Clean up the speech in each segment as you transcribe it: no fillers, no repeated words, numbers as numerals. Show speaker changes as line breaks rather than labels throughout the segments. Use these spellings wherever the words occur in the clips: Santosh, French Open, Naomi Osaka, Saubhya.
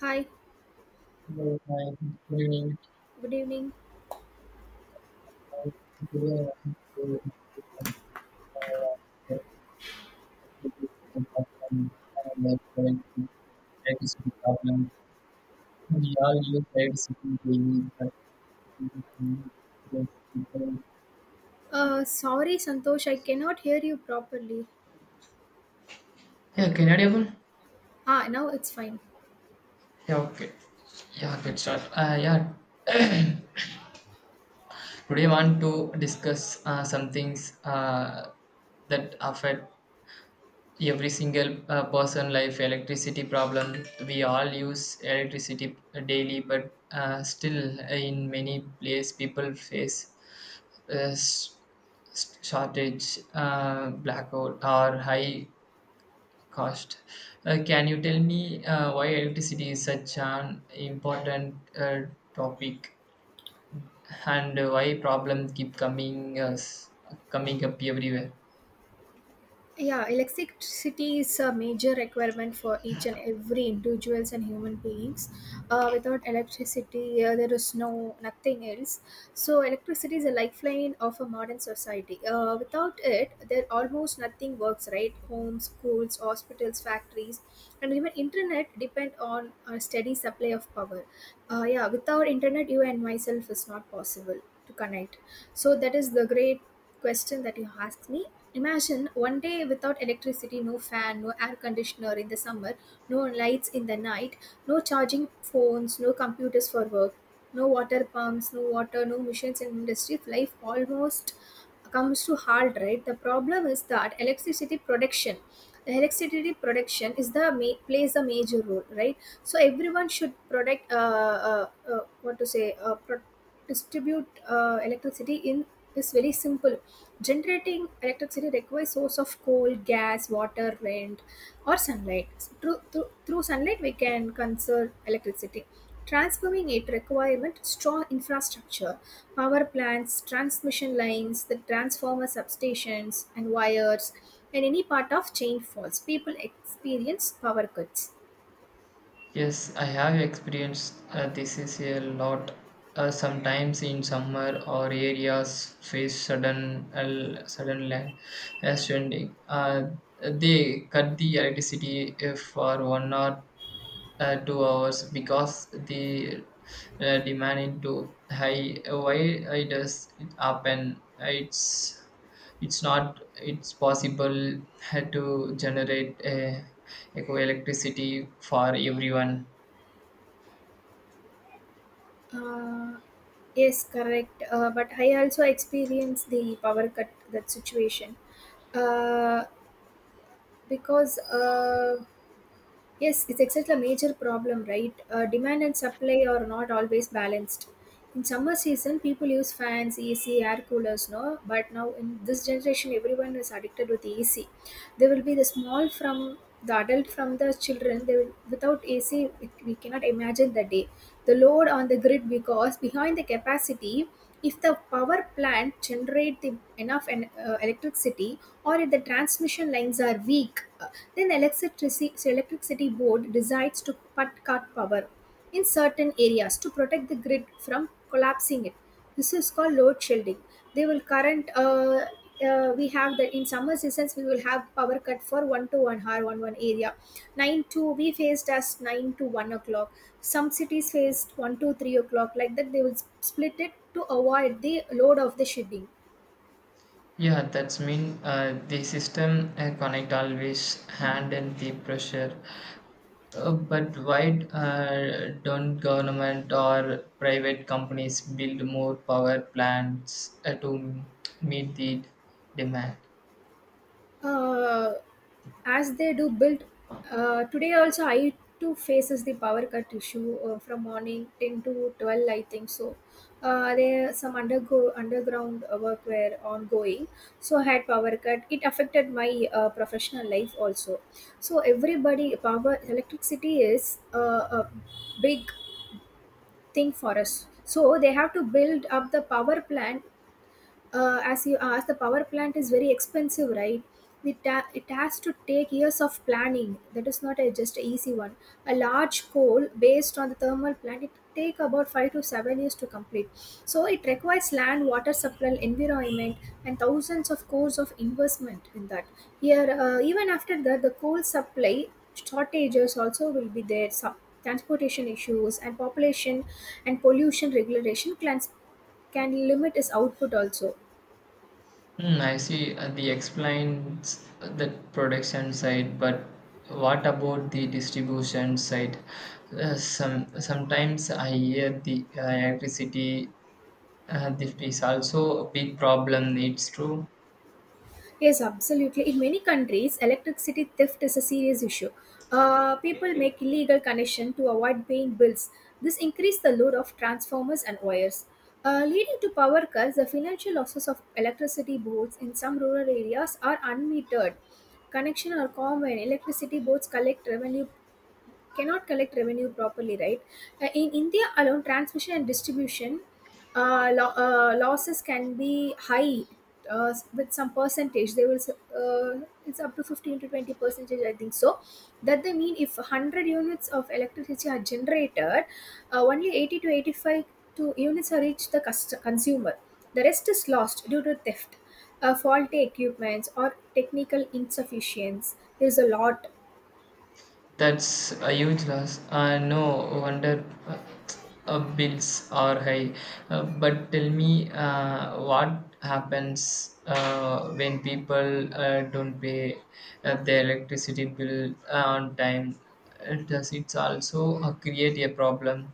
Hi,
Hello, hi, good evening.
good evening.
Hi, today I want to discuss some uh, the contribution of like preventing electricity problems. We all use electricity daily, but we don't use people.
Sorry, Santosh, I cannot hear you properly.
Yeah, can I able?
Ah, now it's fine.
Yeah, okay. Yeah, good start. Yeah, Today I want to discuss some things that affect every single person life electricity problem. We all use electricity daily, but still in many place people face uh, s- shortage, blackout or high cost. Can you tell me why electricity is such an important topic and why problems keep coming us coming up everywhere?
Yeah, electricity is a major requirement for each and every individuals and human beings. Without electricity, there is no nothing else. So electricity is a lifeline of a modern society. Without it, there almost nothing works. Right, homes, schools, hospitals, factories, and even internet depend on a steady supply of power. Yeah, without internet, you and myself is not possible to connect. So that is the great question that you asked me. Imagine one day without electricity, no fan, no air conditioner in the summer, no lights in the night, no charging phones, no computers for work, no water pumps, no water, no machines in industry. Life almost comes to halt, right? The problem is that the electricity production is the plays a major role, right? So everyone should protect, what to say, distribute electricity in is very simple. Generating electricity requires source of coal, gas, water, rent, or sunlight. So, through sunlight, we can conserve electricity. Transforming it requirement strong infrastructure, power plants, transmission lines, the transformer substations and wires, and any part of chain falls. People experience power cuts.
Yes, I have experienced this is a lot. Sometimes in summer or areas face sudden land, stranding. They cut the electricity for one or 2 hours because the demand is too high. Why it does it happen? It's not, it's possible to generate eco electricity for everyone.
Uh, yes, correct. But I also experienced the power cut that situation. Uh, because yes, it's exactly a major problem, right? Demand and supply are not always balanced. In summer season, people use fans, ac, air coolers, no, but now in this generation, everyone is addicted with ac. There will be the small from the adult from the children they will, without ac we cannot imagine the day, the load on the grid, because behind the capacity, if the power plant generates enough electricity, or if the transmission lines are weak, then electricity board decides to cut power in certain areas to protect the grid from collapsing it. This is called load shielding. They will current. We have that in summer seasons we will have power cut for 1 to 1 hour one area, 9 to, we faced as 9 to 1 o'clock, some cities faced 1 to 3 o'clock. Like that they will split it to avoid the load of the shipping.
Yeah, that's mean the system connect always handle the pressure. But why don't government or private companies build more power plants to meet the demand?
uh, as they do build, today also I too faces the power cut issue from morning 10 to 12, I think so. There some undergo underground work were ongoing, so I had power cut. It affected my professional life also. So everybody power electricity is a big thing for us, so they have to build up the power plant. As you asked, the power plant is very expensive, right? It has to take years of planning. That is not just an easy one. A large coal based on the thermal plant, it take about 5 to 7 years to complete. So it requires land, water supply, environment, and thousands of crores of investment in that. Here, even after that, the coal supply shortages also will be there. Some transportation issues and population and pollution regulation plans can limit its output also.
Hmm, I see the explains the production side, but what about the distribution side? Sometimes I hear the electricity, theft is also a big problem. It's true.
Yes, absolutely. In many countries, electricity theft is a serious issue. People make illegal connection to avoid paying bills. This increases the load of transformers and wires, leading to power cuts. The financial losses of electricity boards in some rural areas are unmetered. Connection are common. Electricity boards collect revenue cannot collect revenue properly, right? In India alone, transmission and distribution losses can be high with some percentage. It's up to 15 to 20 percentage, I think so. That they mean if 100 units of electricity are generated, only 80 to 85 to units are reached the consumer. The rest is lost due to theft, faulty equipments, or technical insufficiency. There's a lot.
That's a huge loss. No wonder bills are high. But tell me, what happens when people don't pay their electricity bill on time? Does it also create a problem?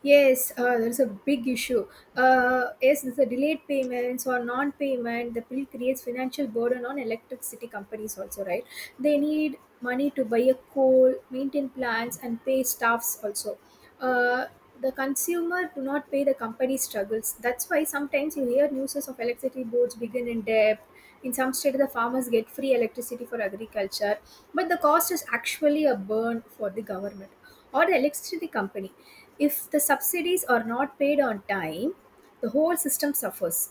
Yes, there's a big issue. Yes, there's a delayed payments or non-payment. The bill creates financial burden on electricity companies also, right? They need money to buy a coal, maintain plants, and pay staffs also. Uh, the consumer do not pay the company struggles. That's why sometimes you hear news of electricity boards begin in debt. In some states, the farmers get free electricity for agriculture, but the cost is actually a burn for the government or the electricity company. If the subsidies are not paid on time, the whole system suffers.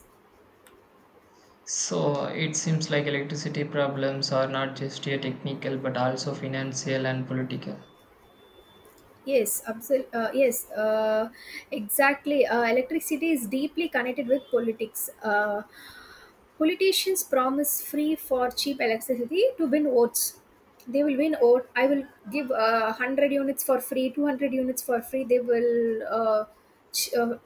So it seems like electricity problems are not just a technical but also financial and political.
Yes, absolutely. Yes, exactly. Electricity is deeply connected with politics. Politicians promise free for cheap electricity to win votes. They will win vote. I will give 100 units for free, 200 units for free. They will ch- uh,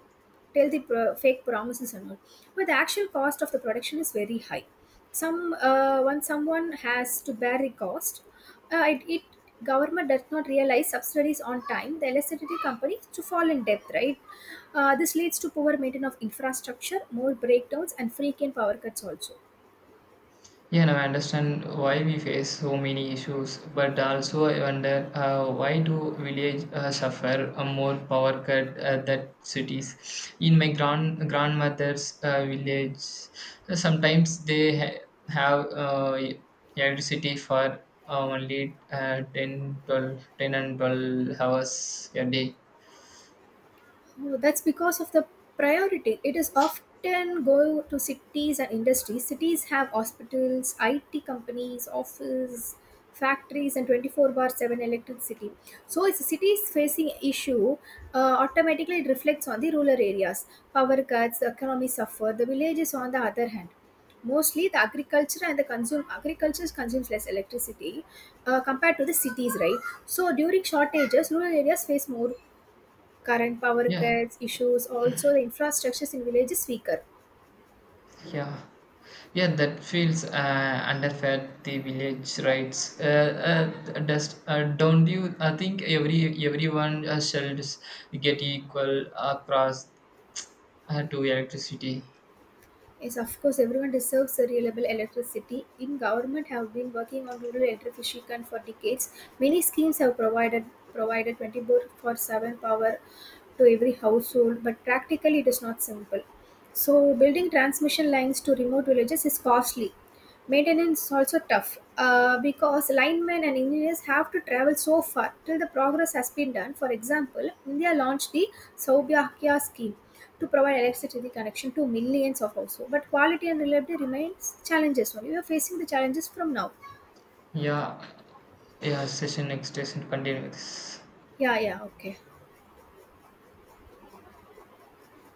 tell the fake promises and all, but the actual cost of the production is very high. Some, when someone has to bear the cost, it, it government does not realize subsidies on time. The electricity companies to fall in debt, right? This leads to poor maintenance of infrastructure, more breakdowns and frequent power cuts also.
Yeah, now I understand why we face so many issues, but also I wonder why do village suffer a more power cut than cities? In my grandmother's village, sometimes have electricity for only 10, 12, ten and 12 hours a day.
Oh, that's because of the priority. It is often go to cities and industries. Cities have hospitals, IT companies, office, factories, and 24 bar 7 electricity. So, if a city is facing issue, automatically it reflects on the rural areas. Power cuts, the economy suffer. The villages, on the other hand, mostly the agriculture and the consume agriculture consumes less electricity compared to the cities, right? So, during shortages, rural areas face more current power
Yeah,
cuts issues also. The infrastructures in villages weaker.
yeah, yeah, that feels underfed. The village rights. Does don't you? I think everyone shall just get equal across to electricity.
Yes, of course, everyone deserves a reliable electricity in government have been working on rural electrification for decades. Many schemes have provided 24 for 7 power to every household, but practically it is not simple. So, building transmission lines to remote villages is costly. Maintenance is also tough because linemen and engineers have to travel so far till the progress has been done. For example, India launched the Saubhya scheme to provide electricity connection to millions of households, but quality and reliability remains challenges only. We are facing the challenges from now.
Yeah, yeah. Session next session. Continue with this.
Yeah, yeah, okay.